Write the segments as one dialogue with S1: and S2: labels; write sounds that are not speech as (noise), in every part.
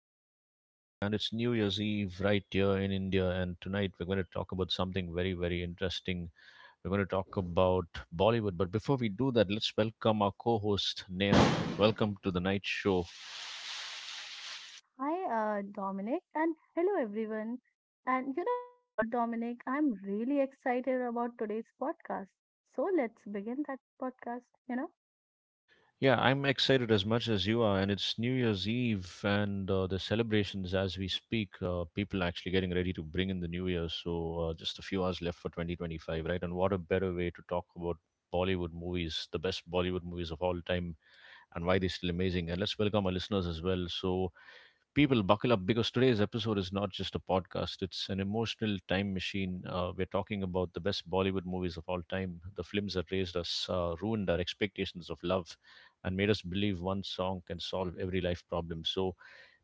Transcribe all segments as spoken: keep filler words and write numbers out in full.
S1: host, Dominic. And it's New Year's Eve right here in India. And tonight we're going to talk about something very, very interesting. We're going to talk about Bollywood. But before we do that, let's welcome our co host, Neha. Welcome to the night show.
S2: Hi, uh, Dominic, and hello, everyone. And you know what, Dominic? I'm really excited about today's podcast. So let's begin that podcast, you know?
S1: Yeah, I'm excited as much as you are, and it's New Year's Eve and uh, the celebrations as we speak. Uh, people actually getting ready to bring in the New Year, so uh, just a few hours left for twenty twenty-five, right? And what a better way to talk about Bollywood movies, the best Bollywood movies of all time, and why they're still amazing. And let's welcome our listeners as well. So, people, buckle up because today's episode is not just a podcast, it's an emotional time machine. Uh, we're talking about the best Bollywood movies of all time, the films that raised us, uh, ruined our expectations of love, and made us believe one song can solve every life problem. So,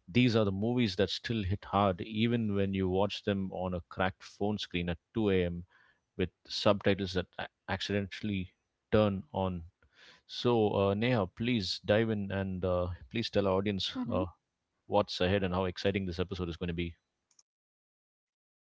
S1: these are the movies that still hit hard, even when you watch them on a cracked phone screen at two a m with subtitles that a- accidentally turn on. So, uh, Neha, please dive in and uh, please tell our audience
S2: hmm
S1: uh, what's ahead and how exciting this episode is going to be.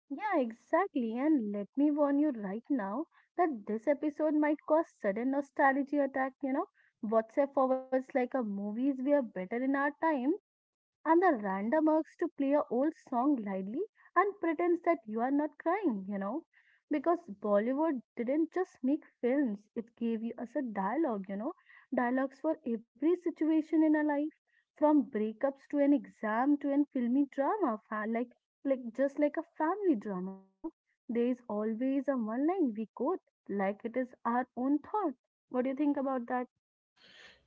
S2: Yeah, exactly. And let me warn you right now that this episode might cause sudden nostalgia attack, you know. WhatsApp forwards like a movies we are better in our time and the random urges to play a old song lightly and pretends that you are not crying, you know. Because Bollywood didn't just make films, it gave you us a dialogue, you know, dialogues for every situation in our life, from breakups to an exam to an filmy drama, fa- like like just like a family drama, you know. There is always a one line we quote like it is our own thought. What do you think about that?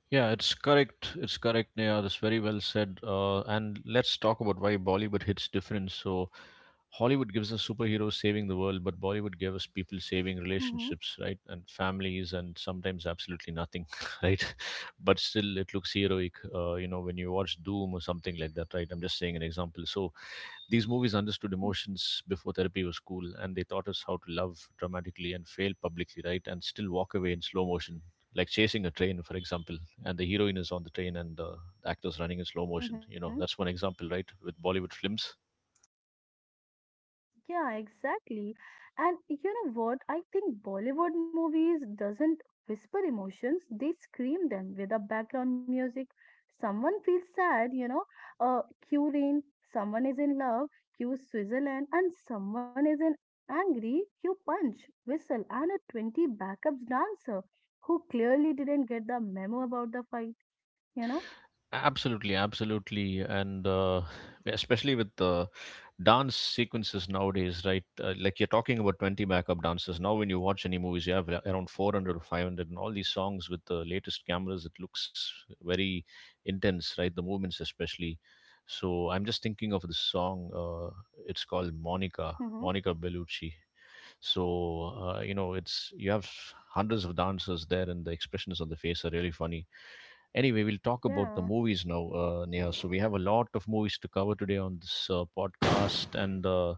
S1: Yeah, it's correct. It's correct, Neha. That's very well said. Uh, and let's talk about why Bollywood hits different. So, Hollywood gives us superheroes saving the world, but Bollywood gave us people saving
S2: Mm-hmm.
S1: relationships, right? And families, and sometimes absolutely nothing, (laughs) right? But still, it looks heroic, uh, you know, when you watch Doom or something like that, right? I'm just saying an example. So, these movies understood emotions before therapy was cool, and they taught us how to love dramatically and fail publicly, right? And still walk away in slow motion, like chasing a train, for example. And the heroine is on the train, and uh, the actor's running in slow motion.
S2: Mm-hmm.
S1: You know, that's one example, right? With Bollywood films.
S2: Yeah, exactly. And you know what? I think Bollywood movies doesn't whisper emotions, they scream them with a background music. Someone feels sad, you know, uh, cue rain, someone is in love, cue Switzerland, and someone is in angry, cue punch, whistle, and a twenty backups dancer who clearly didn't get the memo about the fight, you know?
S1: Absolutely, absolutely, and uh, especially with the dance sequences nowadays, right? Uh, like you're talking about twenty backup dancers. Now, when you watch any movies, you have ar- around four hundred or five hundred, and all these songs with the latest cameras, it looks very intense, right? The movements, especially. So, I'm just thinking of this song. Uh, it's called Monica,
S2: hmm
S1: Monica Bellucci. So uh, you know, it's you have hundreds of dancers there, and the expressions on the face are really funny. Anyway, we'll talk about the
S2: Yeah,
S1: movies now, uh, Neha. So we have a lot of movies to cover today on this uh, podcast, and uh,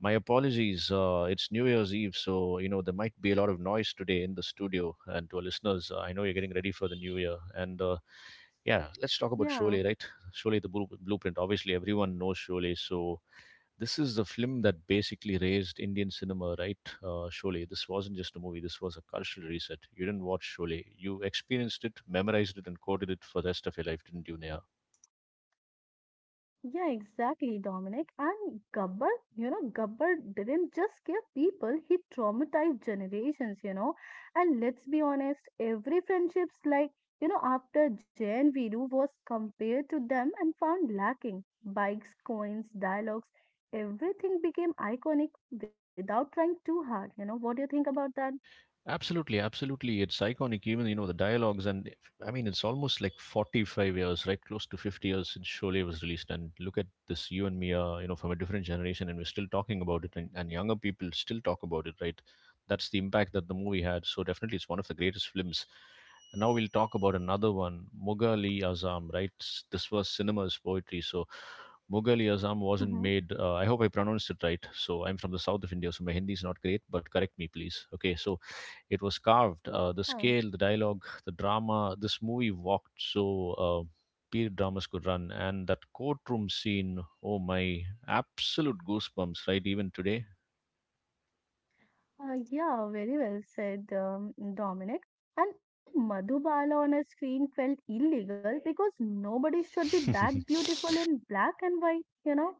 S1: my apologies. Uh, it's New Year's Eve, so you know there might be a lot of noise today in the studio. And to our listeners, uh, I know you're getting ready for the new year, and uh, yeah, let's talk about
S2: yeah.
S1: Sholay, right? Sholay, the blu- blueprint. Obviously, everyone knows Sholay, so this is the film that basically raised Indian cinema, right? Uh, Sholay. This wasn't just a movie. This was a cultural reset. You didn't watch Sholay. You experienced it, memorized it, and quoted it for the rest of your life, didn't you, Neha?
S2: Yeah, exactly, Dominic. And Gabbar, you know, Gabbar didn't just scare people, he traumatized generations, you know. And let's be honest, every friendship's like, you know, after Jay and Viru was compared to them and found lacking. Bikes, coins, dialogues, everything became iconic without trying too hard. You know, what do you think about that?
S1: Absolutely, absolutely. It's iconic. Even you know the dialogues, and if- I mean, it's almost like forty-five years, right? Close to fifty years since Sholay was released, and look at this. You and me are you know from a different generation, and we're still talking about it, and, and younger people still talk about it, right? That's the impact that the movie had. So definitely, it's one of the greatest films. And now we'll talk about another one, Mughal-e Azam, right? S- This was cinema's poetry. So Mughal-e Azam wasn't
S2: Mm-hmm.
S1: made. Uh, I hope I pronounced it right. So I'm from the south of India, so my Hindi is not great, but correct me, please. Okay, so it was carved, uh, the scale, the dialogue, the drama. This movie walked so uh, period dramas could run, and that courtroom scene, oh my, absolute goosebumps, right, even today.
S2: Uh, yeah, very well said, um, Dominic. And you know, Madhubala on a screen felt illegal because nobody should be that beautiful
S1: (laughs)
S2: in black and white. You know,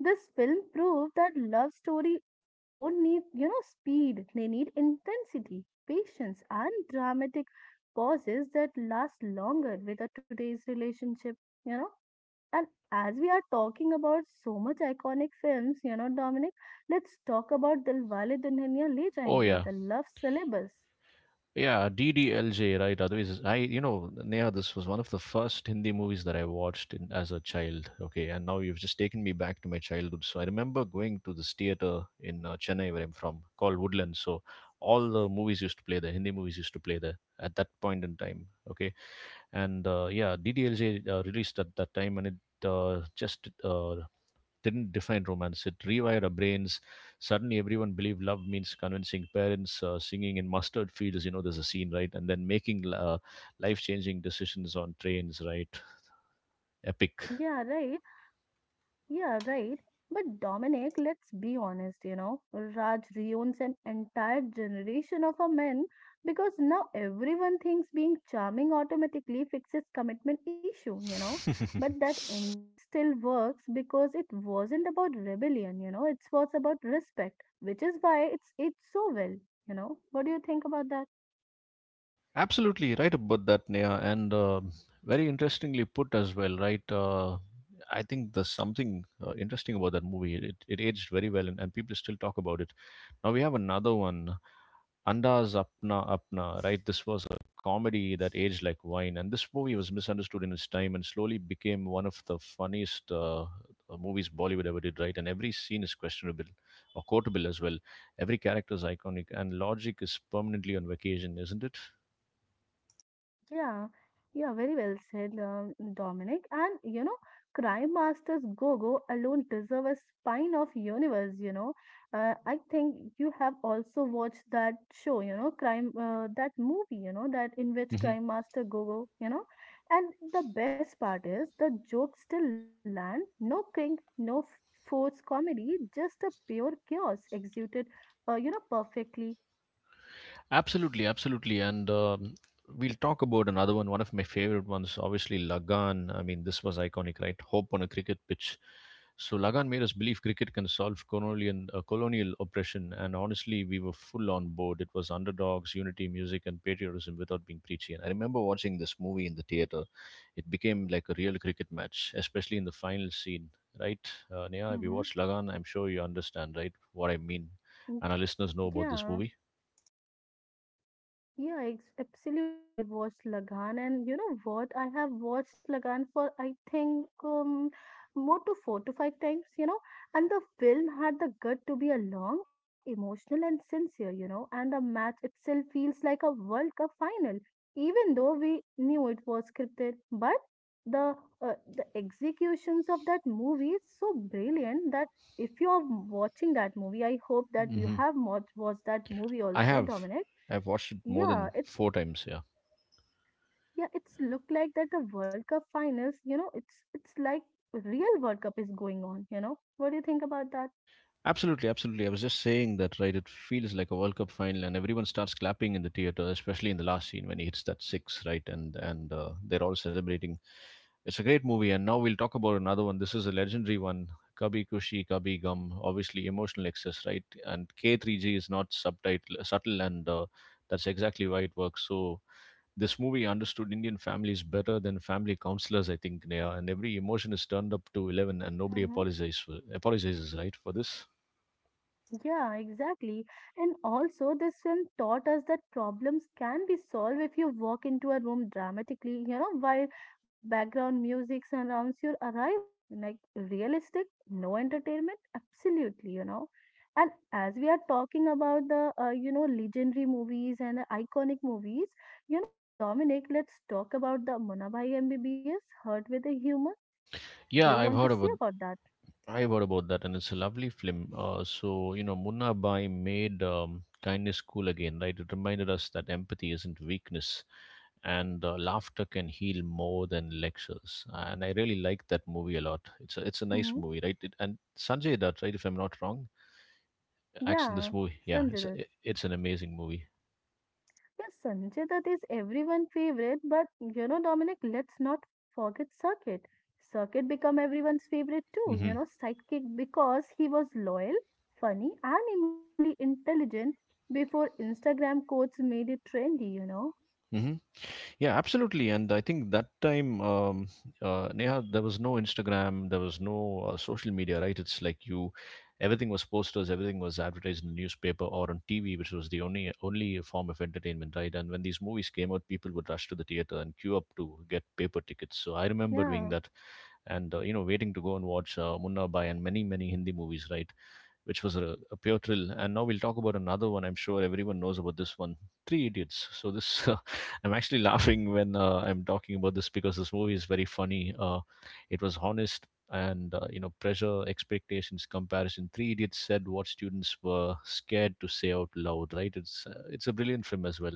S2: this film proved that love story don't need you know speed; they need intensity, patience, and dramatic pauses that last longer with a today's relationship. You know, and as we are talking about so much iconic films, you know, Dominic, let's talk about Dilwale Dulhania Le
S1: Oh
S2: Jayenge,
S1: yeah.
S2: the love syllabus.
S1: Yeah, D D L J, right? Otherwise, I, you know, Neha, this was one of the first Hindi movies that I watched in, as a child. Okay, and now you've just taken me back to my childhood. So I remember going to this theater in uh, Chennai, where I'm from, called Woodlands. So all the movies used to play there, Hindi movies used to play there at that point in time. Okay, and uh, yeah, D D L J uh, released at that time, and it uh, just uh, didn't define romance. It rewired our brains. Suddenly, everyone believed love means convincing parents, uh, singing in mustard fields. You know, there's a scene, right? And then making uh, life-changing decisions on trains, right? Epic.
S2: Yeah, right. Yeah, right. But Dominic, let's be honest, you know, Raj ruins an entire generation of a men because now everyone thinks being charming automatically fixes commitment issue, you know. But that
S1: (laughs)
S2: ending still works because it wasn't about rebellion, you know, it was about respect, which is why it's it's so well, you know. What do you think about that?
S1: Absolutely right about that, Neha, and uh, very interestingly put as well, right? Uh, I think there's something uh, interesting about that movie. It, it aged very well, and, and people still talk about it. Now we have another one, Anda's Apna Apna, right? This was a comedy that aged like wine, and this movie was misunderstood in its time and slowly became one of the funniest uh, uh, movies Bollywood ever did, right? And every scene is questionable or quotable as well. Every character is iconic, and logic is permanently on vacation, isn't it?
S2: Yeah, yeah, very well said, um, Dominic. And you know, Crime Masters Gogo alone deserve a spine of universe. You know, uh, I think you have also watched that show. You know, crime uh, that movie. You know that in which Crime Master Gogo. You know, and the best part is the jokes still land. No cringe, no f- forced comedy, just a pure chaos executed. Uh, you know, perfectly.
S1: Absolutely, absolutely. And um, we'll talk about another one, one of my favorite ones, obviously Lagan. I mean, this was iconic, right? Hope on a cricket pitch. So Lagan made us believe cricket can solve colonial, uh, colonial oppression. And honestly, we were full on board. It was underdogs, unity, music, and patriotism without being preachy. And I remember watching this movie in the theater. It became like a real cricket match, especially in the final scene, right? Uh, Neha, if you
S2: Mm-hmm.
S1: watch Lagan, I'm sure you understand, right, what I mean.
S2: Mm.
S1: And our listeners know about this
S2: Yeah.
S1: movie.
S2: Yeah, ex- absolutely. I watched Lagan, and you know what? I have watched Lagan for I think um, more to four to five times, you know. And the film had the gut to be a long, emotional, and sincere, you know. And the match itself feels like a World Cup final, even though we knew it was scripted. But the uh, the executions of that movie is so brilliant that if you are watching that movie, I hope that you have watched watched that movie
S1: I
S2: also,
S1: have.
S2: Dominic.
S1: I've watched it more
S2: Yeah,
S1: than
S2: it's
S1: four times. Yeah.
S2: yeah, it's look like that the World Cup finals, you know, it's it's like real World Cup is going on, you know. What do you think about
S1: Absolutely, absolutely. I was just saying that, right? It feels like a World Cup final, and everyone starts clapping in the theater, especially in the last scene when he hits that six, right? And and uh, they're all celebrating. It's a great movie, and now we'll talk about another one. This is a legendary one, Kabhi Kushi Kabhi Gum. Obviously, emotional excess, right? And K three G is not subtitle subtle, and uh, that's exactly why it works. So this movie understood Indian families better than family counselors, I think, Neha. And every emotion is turned up to eleven, and nobody
S2: that?
S1: apologizes for, apologizes, right, for this.
S2: Yeah, exactly. And also, this film taught us that problems can be solved if you walk into a room dramatically, you know, while background music surrounds your arrival. Like, realistic, no entertainment, absolutely, you know. And as we are talking about the, uh, you know, legendary movies and the iconic movies, you know, Dominic, let's talk about the Munabai M B B S, Hurt with a Humor. Do you
S1: Yeah, I've
S2: want to
S1: heard
S2: say
S1: about.
S2: about that?
S1: I've heard about that, and it's a lovely film. Uh, so you know, Munna Bai made um, kindness cool again, right? It reminded us that empathy isn't weakness, and uh, laughter can heal more than lectures. And I really like that movie a lot. It's a it's a nice
S2: Hmm.
S1: movie, right? It, and Sanjay Dutt, right? If I'm not wrong, acts in this
S2: Yeah,
S1: movie. Yeah, it's a,
S2: Sanjay.
S1: it's an amazing movie.
S2: Yes, Sanjay Dutt is everyone's favorite, but you know, Dominic, let's not forget Circuit. Circuit become everyone's favorite too, you
S1: Mhm.
S2: know, sidekick because he was loyal, funny, and emotionally intelligent before Instagram quotes made it trendy, you know.
S1: Hmm. Yeah, absolutely. And I think that time, um, uh, Neha, there was no Instagram, there was no uh, social media, right? It's like you, everything was posters, everything was advertised in the newspaper or on T V, which was the only only form of entertainment, right? And when these movies came out, people would rush to the theater and queue up to get paper tickets. So I remember
S2: Yeah.
S1: doing that, and uh, you know, waiting to go and watch uh, Munna Bhai and many many Hindi movies, right? Which was a, a pure thrill. And now we'll talk about another one. I'm sure everyone knows about this one, Three Idiots. So this, (laughs) uh, I'm actually laughing when uh, I'm talking about this because this movie is very funny. Uh, it was honest and uh, you know, pressure, expectations, comparison. Three Idiots said what students were scared to say out loud. Right? It's uh, it's a brilliant film as well.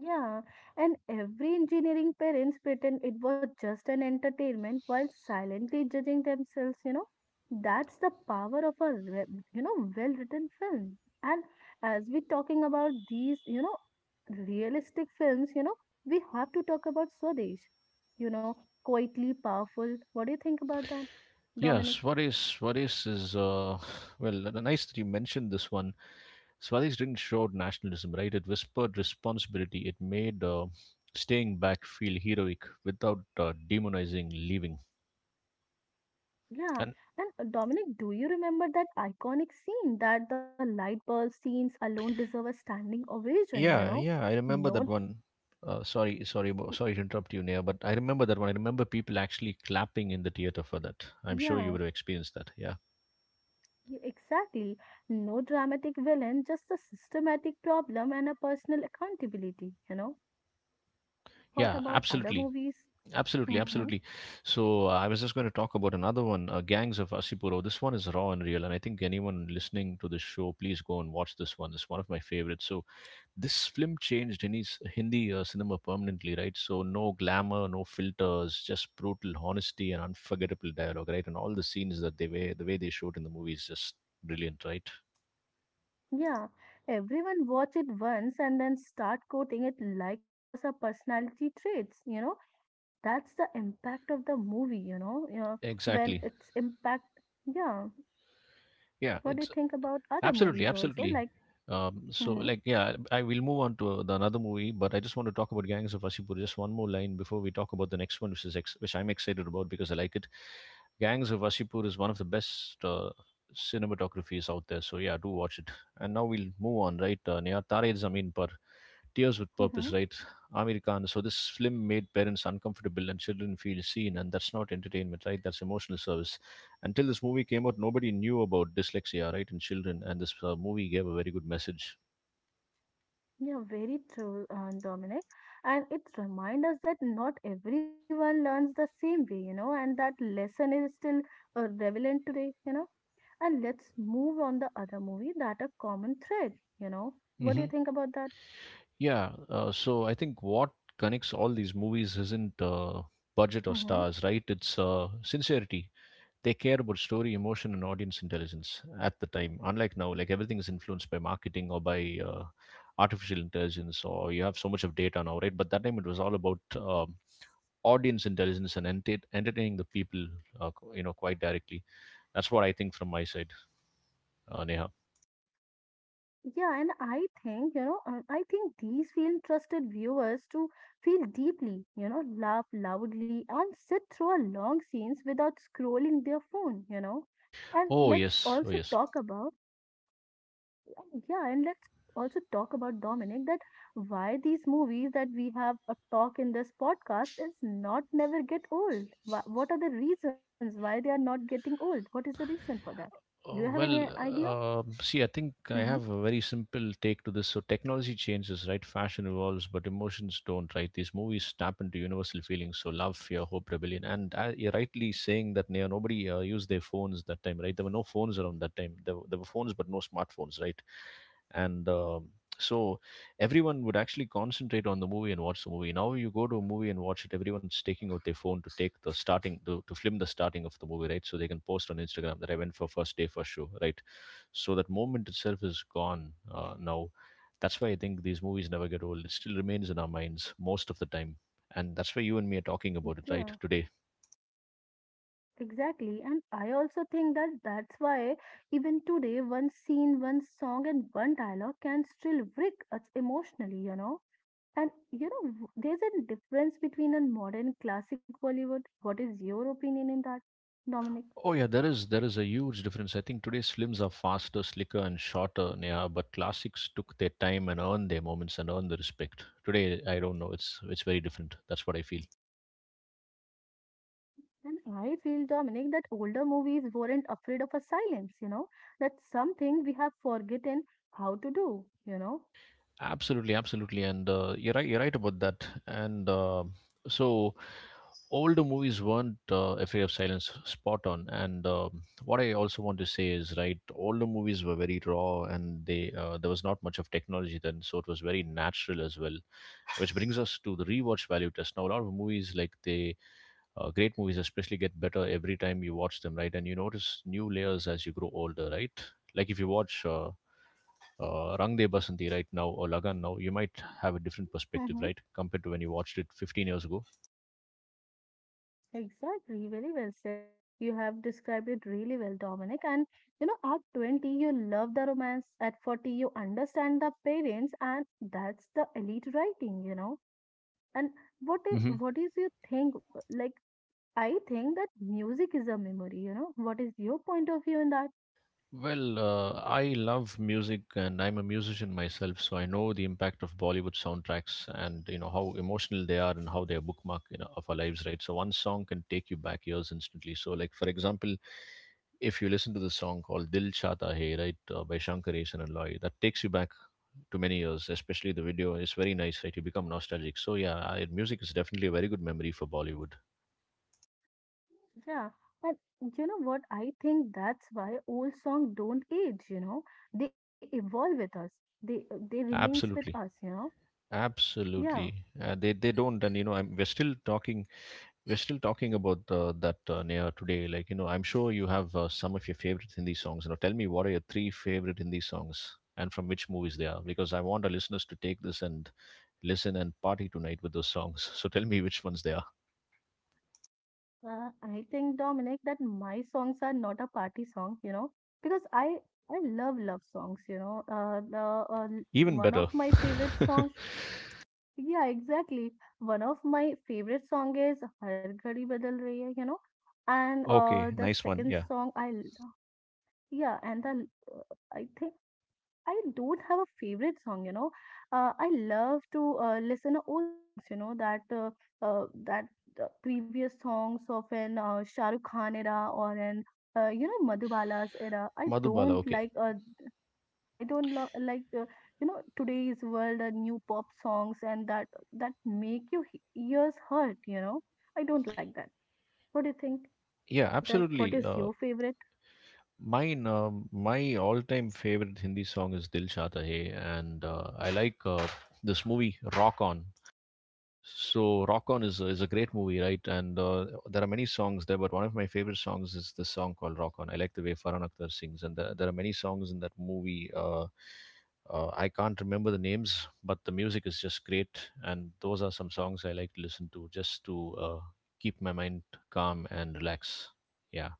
S2: Yeah, and every engineering parents pretend it was just an entertainment while silently judging themselves, you know. That's the power of a, re- you know, well-written film. And as we talking about these, you know, realistic films, you know, we have to talk about Swadesh, you know, quietly powerful. What do you think about that, Dominic?
S1: Yes, what is what is is uh well uh, nice that you mentioned this one. Swadish didn't shout nationalism, right? It whispered responsibility. It made uh, staying back feel heroic without uh, demonizing leaving.
S2: Yeah,
S1: And
S2: and uh, Dominic, do you remember that iconic scene that the light bulb scenes alone deserve a standing ovation, you
S1: yeah,
S2: know?
S1: yeah, I remember
S2: No,
S1: that one. Uh, sorry, sorry, bo- sorry to interrupt you, Nia, but I remember that one. I remember people actually clapping in the theater for that. I'm sure you
S2: yeah,
S1: would have experienced that. Yeah,
S2: y- exactly. No dramatic villain, just a systematic problem and a personal accountability, you know? What
S1: yeah,
S2: about other
S1: absolutely,
S2: movies?
S1: absolutely,
S2: Hmm.
S1: absolutely. So uh, I was just going to talk about another one, uh, Gangs of Asipuro. This one is raw and real, and I think anyone listening to this show, please go and watch this one. It's one of my favorites. So this film changed Hindi, Hindi uh, cinema permanently, right? So no glamour, no filters, just brutal honesty and unforgettable dialogue, right? And all the scenes that they were, the way they showed in the movie is just brilliant, right?
S2: Yeah, everyone watch it once and then start quoting it like it was a personality traits, you know? That's the impact of the movie, you know, yeah, when
S1: Exactly.
S2: it's impact. Yeah,
S1: Yeah,
S2: what do you
S1: it's
S2: think about other
S1: absolutely,
S2: movies also?
S1: absolutely.
S2: Like,
S1: Um, so,
S2: mm-hmm,
S1: like, yeah, I will move on to uh, the another movie, but I just want to talk about Gangs of Wasseypur. Just one more line before we talk about the next one, which is ex- which I'm excited about because I like it. Gangs of Wasseypur is one of the best uh, cinematographies out there. So yeah, do watch it. And now we'll move on, right? Uh, Neha, Tare Zameen Par, tears with purpose,
S2: mm-hmm.
S1: right? Amir Khan. So this film made parents uncomfortable and children feel seen, and that's not entertainment, right? That's emotional service. Until this movie came out, nobody knew about dyslexia, right, in children, and this uh, movie gave a very good message.
S2: Yeah, very true, uh, Dominic. And it reminds us that not everyone learns the same way, you know, and that lesson is still uh, relevant today, you know. And let's move on the other movie that a common thread, you know. What do
S1: Hmm.
S2: you think about that?
S1: Yeah. Uh, so I think what connects all these movies isn't uh, budget or
S2: Mm-hmm.
S1: stars, right? It's uh, sincerity. They care about story, emotion, and audience intelligence at the time. Unlike now, like everything is influenced by marketing or by uh, artificial intelligence, or you have so much of data now, right? But that time it was all about um, audience intelligence and enter- entertaining the people, uh, you know, quite directly. That's what I think from my side, uh, Neha.
S2: Yeah, and I think, you know, uh, I think these film trusted viewers to feel deeply, you know, laugh loudly and sit through a long scenes without scrolling their phone, you know. And
S1: Oh
S2: let's
S1: yes, oh
S2: also
S1: yes.
S2: talk about, yeah, and let's also talk about Dominic that why these movies that we have a talk in this podcast is not never get old. Wha- What are the reasons why they are not getting old? What is the reason for that? Do you have
S1: Oh,
S2: any
S1: well,
S2: idea?
S1: um see, I think I
S2: Mm-hmm.
S1: have a very simple take to this. So technology changes, right? Fashion evolves, but emotions don't, right? These movies tap into universal feelings. So love, fear, hope, rebellion. And uh, you're rightly saying that, you know, nobody uh, used their phones that time, right? There were no phones around that time. There, were- there were phones, but no smartphones, right? And um so, everyone would actually concentrate on the movie and watch the movie. Now you go to a movie and watch it, everyone's taking out their phone to take the starting to, to film the starting of the movie, right? So they can post on Instagram that I went for first day first show, right? So that moment itself is gone uh, now. That's why I think these movies never get old. It still remains in our minds most of the time, and that's why you and me are talking about it, right? Today.
S2: Exactly, and I also think that that's why even today, one scene, one song, and one dialogue can still wreck us emotionally, you know. And you know, w- there's a difference between a modern classic Bollywood. What is your opinion in that, Dominic?
S1: Oh yeah, there is there is a huge difference. I think today's films are faster, slicker, and shorter, yeah, but classics took their time and earned their moments and earned the respect. Today, I don't know. It's it's very different. That's what I feel.
S2: And I feel, Dominic, that older movies weren't afraid of a silence, you know. That's something we have forgotten how to do, you know.
S1: Absolutely, absolutely, and uh, you're right. You're right about that. And uh, so, Older movies weren't uh, afraid of silence, spot on. And um What I also want to say is, right, older movies were very raw, and they uh, there was not much of technology then, so it was very natural as well. Which brings us to the rewatch value test. Now, a lot of movies, like the uh, great movies, especially, get better every time you watch them, right? And you notice new layers as you grow older, right? Like if you watch uh, uh, Rang De Basanti right now or Lagan now, you might have a different perspective, right,
S2: (laughs)
S1: compared to when you watched it fifteen years ago.
S2: Exactly, very well said. You have described it really well, Dominic. And you know, at twenty, you love the romance, at forty, you understand the parents, and that's the elite writing, you know. And what is
S1: Hmm.
S2: what is your thing? Like, I think that music is a memory, you know. What is your point of view in that?
S1: Well, uh, I love music and I'm a musician myself, so I know the impact of Bollywood soundtracks, and you know how emotional they are and how they are bookmark, you know, of our lives, right? So one song can take you back years instantly. So, like for example, if you listen to the song called Dil Chata Hai, right, uh, by Shankaresan and Loy, that takes you back to many years, especially the video is very nice, right? You become nostalgic. So yeah, I, music is definitely a very good memory for Bollywood.
S2: Yeah. And you know what? I think that's why old songs don't age, you know. They evolve with us. They they remains with
S1: Absolutely.
S2: us, you know. Yeah.
S1: Absolutely. Uh, they, they don't, and you know, I'm, we're still talking. We're still talking about uh, that uh, Neha today. Like, you know, I'm sure you have uh, some of your favorite Hindi songs. You know, tell me what are your three favorite Hindi songs and from which movies they are, because I want our listeners to take this and listen and party tonight with those songs. So tell me which ones they are.
S2: Uh, I think, Dominic, that my songs are not a party song, you know, because I I love love songs, you know. Uh, the uh, l-
S1: Even
S2: one of
S1: better.
S2: my favorite songs, yeah, exactly. One of my favorite song is Har Ghadi Badal Rahi Hai, you know,
S1: (laughs)
S2: and
S1: okay,
S2: uh, the
S1: nice one.
S2: second
S1: Yeah.
S2: song I, l- yeah, and the l- uh, I think I don't have a favorite song, you know. Uh, I love to uh, listen to old songs, you know, that uh, uh, that uh, previous songs of an uh, Shah Rukh Khan era or an uh, you know Madhubala's era. I
S1: Madhubala.
S2: don't
S1: Okay,
S2: like uh, yeah, I don't lo- like uh, you know today's world uh, new pop songs and that that make your he- ears hurt, you know. I don't like that. What do you think
S1: yeah,
S2: about that? What
S1: absolutely.
S2: is
S1: Uh,
S2: your favorite?
S1: mine, um my all-time favorite Hindi song is Dil Chahta Hai, and uh, I like uh, this movie Rock On. So Rock On is a, is a great movie, right? And uh, there are many songs there, but one of my favorite songs is this song called Rock On. I like the way Farhan Akhtar sings, and there there are many songs in that movie. Uh, uh, I can't remember the names, but the music is just great, and those are some songs I like to listen to just to uh, keep my mind calm and relax. Yeah.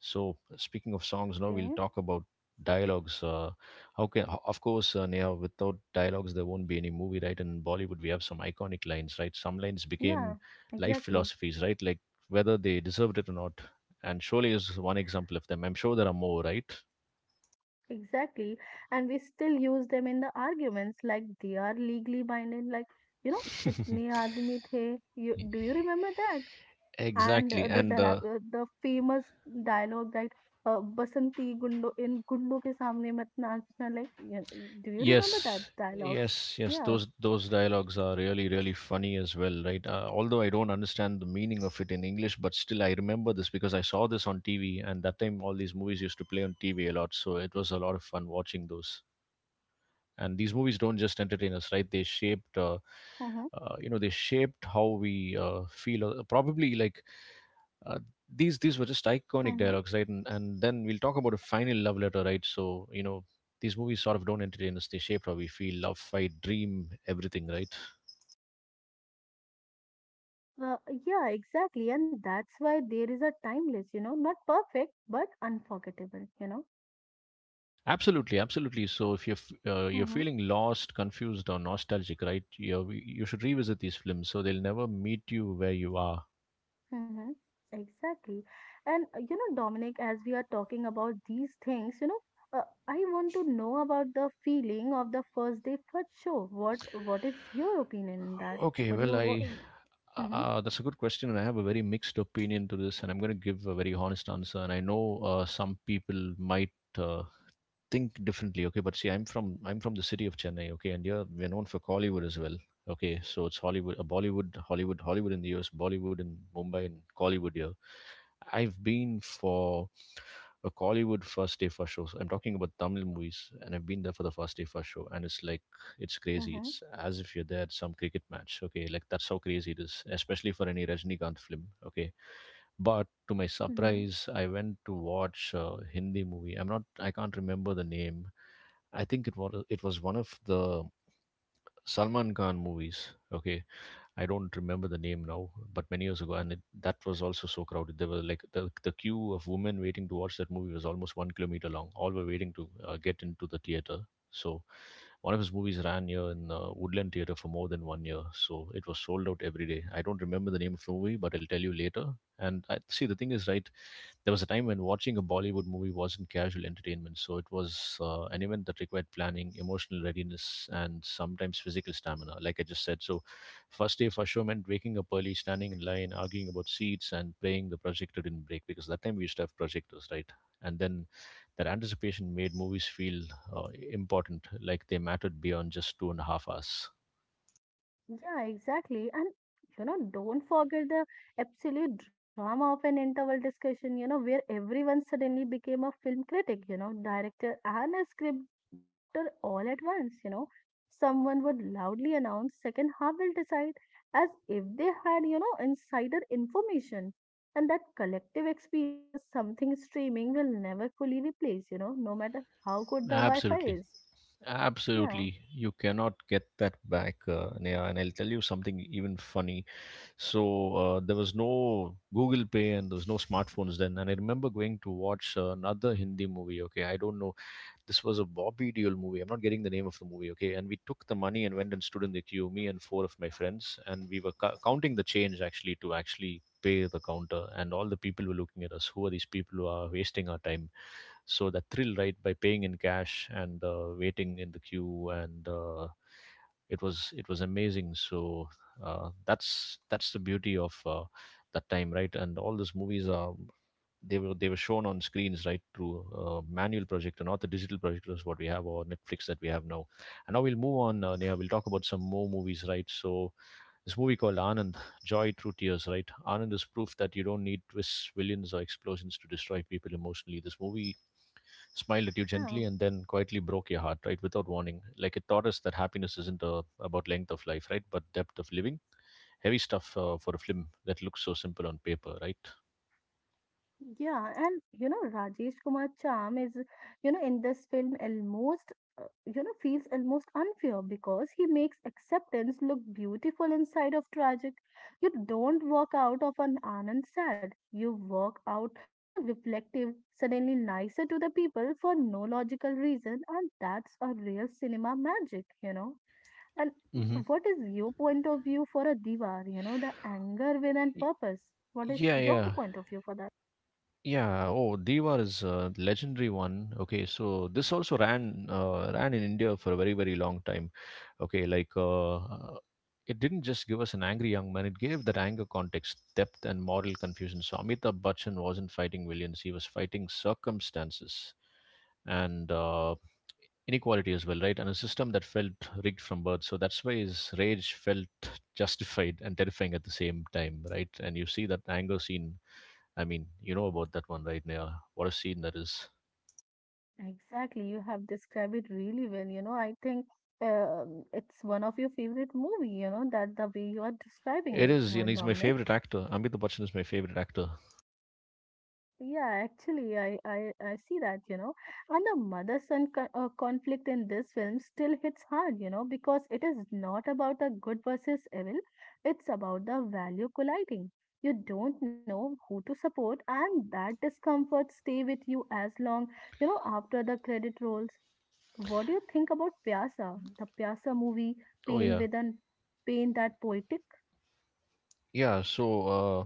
S1: So speaking of songs, now we'll
S2: Okay.
S1: talk about dialogues. Uh, how can, ho- of course, uh, Neha, without dialogues, there won't be any movie, right? And in Bollywood, we have some iconic lines, right? Some lines
S2: Yeah,
S1: became life
S2: exactly.
S1: philosophies, right? Like whether they deserved it or not. And Sholay is one example of them. I'm sure there are more, right?
S2: Exactly. And we still use them in the arguments like they are legally binding, like, you know, kitne
S1: (laughs)
S2: aadmi the. You, do you remember that? And uh, the
S1: Exactly.
S2: dialogue-
S1: And
S2: uh,
S1: uh,
S2: the famous dialogue that uh, Basanti Gundo in Gundo ke samne mat naachna, like, you, do you remember that
S1: yes,
S2: dialogues?
S1: yes, yes.
S2: Yeah.
S1: Those those dialogues are really really funny as well, right? Uh, although I don't understand the meaning of it in English, but still I remember this because I saw this on T V, and that time all these movies used to play on T V a lot, so it was a lot of fun watching those. And these movies don't just entertain us, right, they shaped uh,
S2: Mm-hmm.
S1: uh, you know, they shaped how we uh, feel, uh, probably. like uh, these these were just iconic
S2: Mm-hmm.
S1: dialogues, right? And, and then we'll talk about a final love letter, right? So you know these movies sort of don't entertain us, they shape how we feel: love, fight, dream, everything, right?
S2: Uh, yeah, exactly. And that's why there is a timeless, you know, not perfect, but unforgettable, you know.
S1: Absolutely, absolutely. So if you're f- uh, you're
S2: Hmm.
S1: feeling lost, confused, or nostalgic, right, you you should revisit these films, so they'll never meet you where you are.
S2: Mm-hmm. Exactly. And uh, you know, Dominic, as we are talking about these things, you know, uh, I want to know about the feeling of the first day first show. What what is your opinion in that?
S1: Okay,
S2: What do
S1: well,
S2: you what?
S1: I
S2: Mm-hmm.
S1: uh, that's a good question, and I have a very mixed opinion to this, and I'm going to give a very honest answer. And I know uh, some people might uh, think differently. Okay, but see, I'm from I'm from the city of Chennai. Okay, and here we're known for Kollywood as well. Okay, so it's Hollywood, uh, Bollywood, Hollywood, Hollywood in the U S, Bollywood in Mumbai, and Kollywood here. I've been for a Kollywood first day first show. So I'm talking about Tamil movies, and I've been there for the first day first show, and it's like it's crazy.
S2: Mm-hmm.
S1: It's as if you're there at some cricket match. Okay, like that's how crazy it is, especially for any Rajnikanth film. Okay, but to my
S2: Mm-hmm.
S1: surprise, I went to watch a Hindi movie. I'm not. I can't remember the name. I think it was it was one of the Salman Khan movies. Okay, I don't remember the name now, but many years ago, and it, that was also so crowded. There were like the, the queue of women waiting to watch that movie was almost one kilometer long. All were waiting to uh, get into the theater. So one of his movies ran here in uh, Woodland Theater for more than one year. So it was sold out every day. I don't remember the name of the movie, but I'll tell you later. And I, see, the thing is, right, there was a time when watching a Bollywood movie wasn't casual entertainment, so it was uh, an event that required planning, emotional readiness, and sometimes physical stamina, like I just said. So first day for sure meant waking up early, standing in line, arguing about seats, and praying the projector didn't break, because that time we used to have projectors, right? And then that anticipation made movies feel uh, important, like they mattered beyond just two and a half hours.
S2: Yeah, exactly. And you know, don't forget the absolute drama of an interval discussion, you know, where everyone suddenly became a film critic, you know, director and a script doctor all at once, you know. Someone would loudly announce second half will decide as if they had, you know, insider information. And that collective experience is something streaming will never fully replace, you know, no matter how good the Wi-Fi
S1: Absolutely.
S2: is. Yeah,
S1: Absolutely. You cannot get that back, uh, Neha. And I'll tell you something even funny. So uh, there was no Google Pay and there was no smartphones then. And I remember going to watch uh, another Hindi movie. Okay, I don't know. This was a Bobby Deol movie. I'm not getting the name of the movie. Okay, and we took the money and went and stood in the queue, me and four of my friends, and we were cou- counting the change actually to actually pay the counter. And all the people were looking at us. Who are these people who are wasting our time? So that thrill, right, by paying in cash and uh, waiting in the queue and uh, it was it was amazing. so uh, that's that's the beauty of uh, that time, right? And all these movies are they were they were shown on screens, right, through uh, manual projector, not the digital projectors what we have, or Netflix that we have now. And now we'll move on, uh, Neha. We'll talk about some more movies, right? So this movie called Anand, joy through tears, right? Anand is proof that you don't need twists, villains, or explosions to destroy people emotionally. This movie smiled at you
S2: yeah.
S1: gently, and then quietly broke your heart, right, without warning. Like, it taught us that happiness isn't uh, about length of life, right, but depth of living. Heavy stuff uh, for a film that looks so simple on paper, right?
S2: Yeah, and you know, Rajesh Kumar charm is, you know, in this film almost, uh, you know, feels almost unfair because he makes acceptance look beautiful inside of tragic. You don't walk out of an Anand sad. You walk out, you know, reflective, suddenly nicer to the people for no logical reason, and that's a real cinema magic, you know. And
S1: Hmm.
S2: what is your point of view for a Diwar, you know, the anger with and
S1: Y-
S2: purpose? What is
S1: Yeah,
S2: your
S1: yeah.
S2: point of view for that?
S1: Yeah, oh, Diwar is a legendary one. Okay, so this also ran uh, ran in India for a very, very long time. Okay, like, uh, uh, it didn't just give us an angry young man; it gave that anger context, depth, and moral confusion. So Amitabh Bachchan wasn't fighting villains; he was fighting circumstances and uh, inequality as well, right? And a system that felt rigged from birth. So that's why his rage felt justified and terrifying at the same time, right? And you see that anger scene, I mean, you know about that one, right, Neha? What a scene that is.
S2: Exactly, you have described it really well. You know, I think um, it's one of your favorite movie. You know that the way you are describing
S1: It
S2: it, you
S1: is,
S2: know,
S1: and he's my
S2: Dominic.
S1: favorite actor. Amitabh Bachchan is my favorite actor.
S2: Yeah, actually, I I, I see that. You know, and the mother-son co- uh, conflict in this film still hits hard. You know, because it is not about a good versus evil. It's about the value colliding. You don't know who to support, and that discomfort stay with you as long, you know, after the credit rolls. What do you think about Pyasa? The Pyasa movie,
S1: Oh
S2: pain
S1: yeah,
S2: with an pain that poetic?
S1: yeah. So, uh,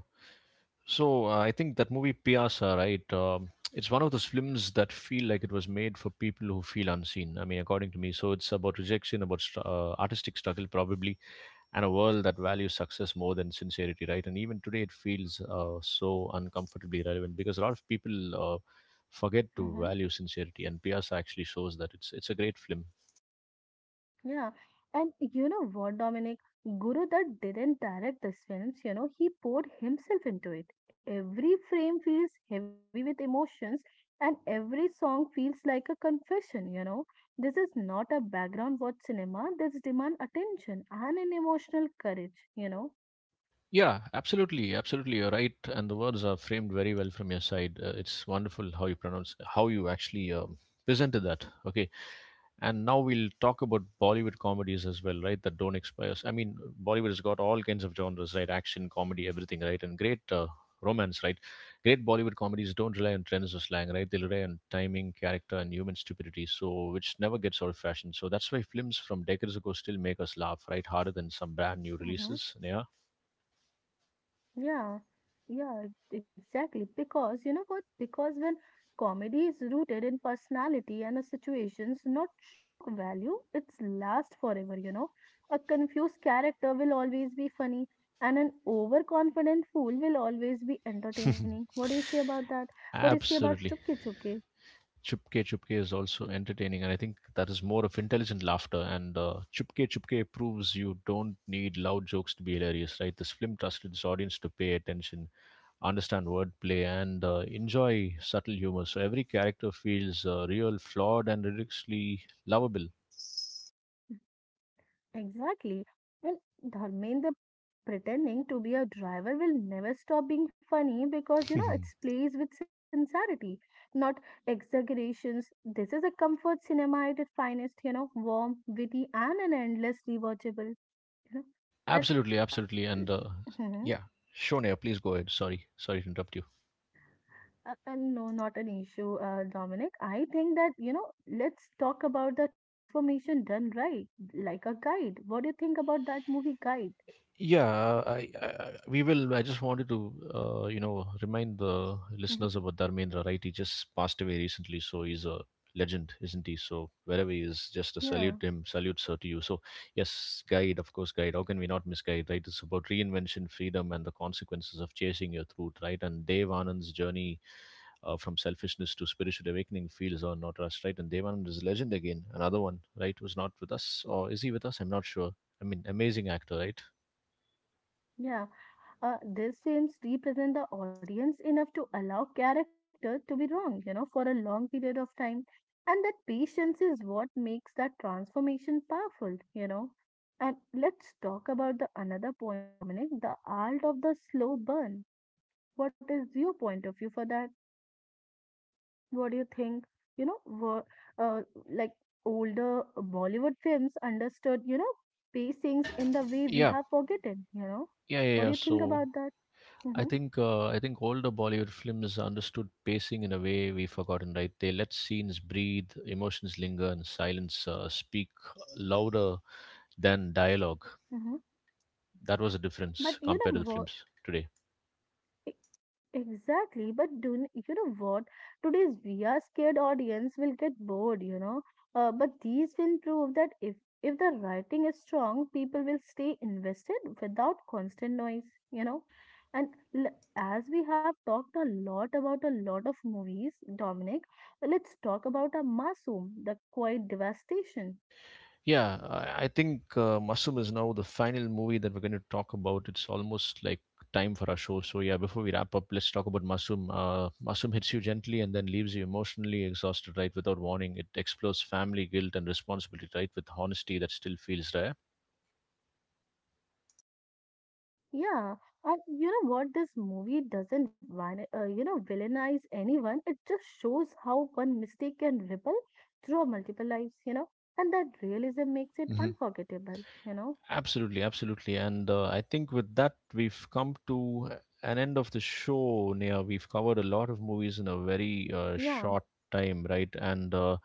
S1: so uh, I think that movie Piyasa, right? Um, it's one of those films that feel like it was made for people who feel unseen. I mean, according to me. So it's about rejection, about str- uh, artistic struggle, probably, and a world that values success more than sincerity, right? And even today, it feels uh, so uncomfortably relevant, because a lot of people uh, forget to
S2: Hmm.
S1: value sincerity, and Piazza actually shows that. It's it's a great film.
S2: Yeah. And you know what, Dominic? Guru that didn't direct these films, you know, he poured himself into it. Every frame feels heavy with emotions, and every song feels like a confession, you know. This is not a background watch cinema, this demand attention and an emotional courage, you know.
S1: Yeah, absolutely, absolutely. You're right, and the words are framed very well from your side. Uh, it's wonderful how you pronounce, how you actually um, presented that. Okay. And now we'll talk about Bollywood comedies as well, right? That don't expire. I mean, Bollywood has got all kinds of genres, right? Action, comedy, everything, right? And great, uh, romance, right? Great Bollywood comedies don't rely on trends or slang, right? They rely on timing, character, and human stupidity, so which never gets out of fashion. So that's why films from decades ago still make us laugh, right, harder than some brand new releases. Yeah.
S2: Yeah, yeah, exactly. Because you know what? Because when comedy is rooted in personality and the situations, not shock value, it's last forever, you know. A confused character will always be funny, and an overconfident fool will always be entertaining. What do
S1: (laughs)
S2: you say about that? What do you say about
S1: Absolutely.
S2: Chupke Chupke?
S1: Chupke Chupke is also entertaining, and I think that is more of intelligent laughter. And uh, Chupke Chupke proves you don't need loud jokes to be hilarious, right? This film trusted its audience to pay attention, understand wordplay, and uh, enjoy subtle humor. So every character feels uh, real, flawed, and ridiculously lovable.
S2: Exactly. And Dharmendra pretending to be a driver will never stop being funny because you know it
S1: (laughs)
S2: plays with sincerity, not exaggerations. This is a comfort cinema at its finest, you know, warm, witty, and an endlessly watchable, you know. And
S1: Absolutely,
S2: uh,
S1: absolutely. And uh,
S2: mhm.
S1: yeah, Shonea, please go ahead. Sorry, sorry to interrupt you.
S2: Uh, and no, not an issue, uh, Dominic. I think that, you know, let's talk about the transformation done right, like a guide. What do you think about that movie, Guide?
S1: Yeah, I, I I- we will. I just wanted to, uh, you know, remind the
S2: Mhm.
S1: listeners about Dharmendra, right? He just passed away recently, so he's a legend, isn't he? So wherever he is, just a
S2: Yeah.
S1: salute to him, salute sir to you. So yes, guide, of course, guide. How can we not miss guide, right? It's about reinvention, freedom, and the consequences of chasing your truth, right? And Dev Anand's journey uh, from selfishness to spiritual awakening feels or not us, right? And Dev Anand is a legend again, another one, right? Was not with us, or is he with us? I'm not sure. I mean, amazing actor, right?
S2: Yeah, uh, these films represent the audience enough to allow character to be wrong, you know, for a long period of time. And that patience is what makes that transformation powerful, you know. And let's talk about the another point, Dominic, the art of the slow burn. What is your point of view for that? What do you think? You know, were, uh, like older Bollywood films understood, you know, pacings in the way we
S1: Yeah.
S2: have forgotten, you know.
S1: Yeah, yeah,
S2: What do
S1: yeah.
S2: you think
S1: So
S2: about that?
S1: I
S2: Mm-hmm.
S1: think uh, I think older Bollywood films understood pacing in a way we've forgotten, right? They let scenes breathe, emotions linger, and silence uh, speak louder than dialogue.
S2: Mhm.
S1: That was a
S2: But
S1: difference
S2: you
S1: compared to
S2: know
S1: the
S2: what?
S1: films today.
S2: e- Exactly. But do n- you know what? Today's V R scared audience will get bored, you know. Uh, but these will prove that if if the writing is strong, people will stay invested without constant noise, you know. And l- as we have talked a lot about a lot of movies, Dominic, let's talk about a Masoom, the quiet devastation.
S1: Yeah, I I think uh, Mushroom is now the final movie that we're going to talk about. It's almost like time for our show. So yeah, before we wrap up, let's talk about Mushroom. Uh, Mushroom hits you gently and then leaves you emotionally exhausted, right, without warning. It explores family guilt and responsibility, right, with honesty that still feels rare.
S2: Yeah, and you know what? This movie doesn't, van- uh, you know, villainize anyone. It just shows how one mistake can ripple through multiple lives, you know, and that realism makes it
S1: Hmm.
S2: unforgettable, you know.
S1: Absolutely, absolutely. And uh, I think with that, we've come to an end of the show, Nia. We've covered a lot of movies in a very uh,
S2: Yeah,
S1: short time, right? And uh,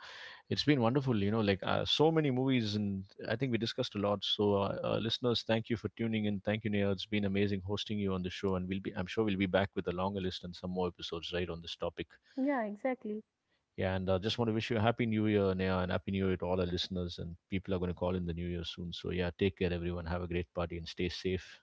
S1: it's been wonderful, you know, like uh, so many movies, and I think we discussed a lot. So, uh, uh, listeners, thank you for tuning in. Thank you, Nia. It's been amazing hosting you on the show, and we'll be—I'm sure we'll be back with a longer list and some more episodes, right, on this topic.
S2: yeah, exactly.
S1: Yeah, and uh, just want to wish you a happy New Year, Nia, and happy New Year to all our listeners. And people are going to call in the New Year soon. So, yeah, take care, everyone. Have a great party and stay safe.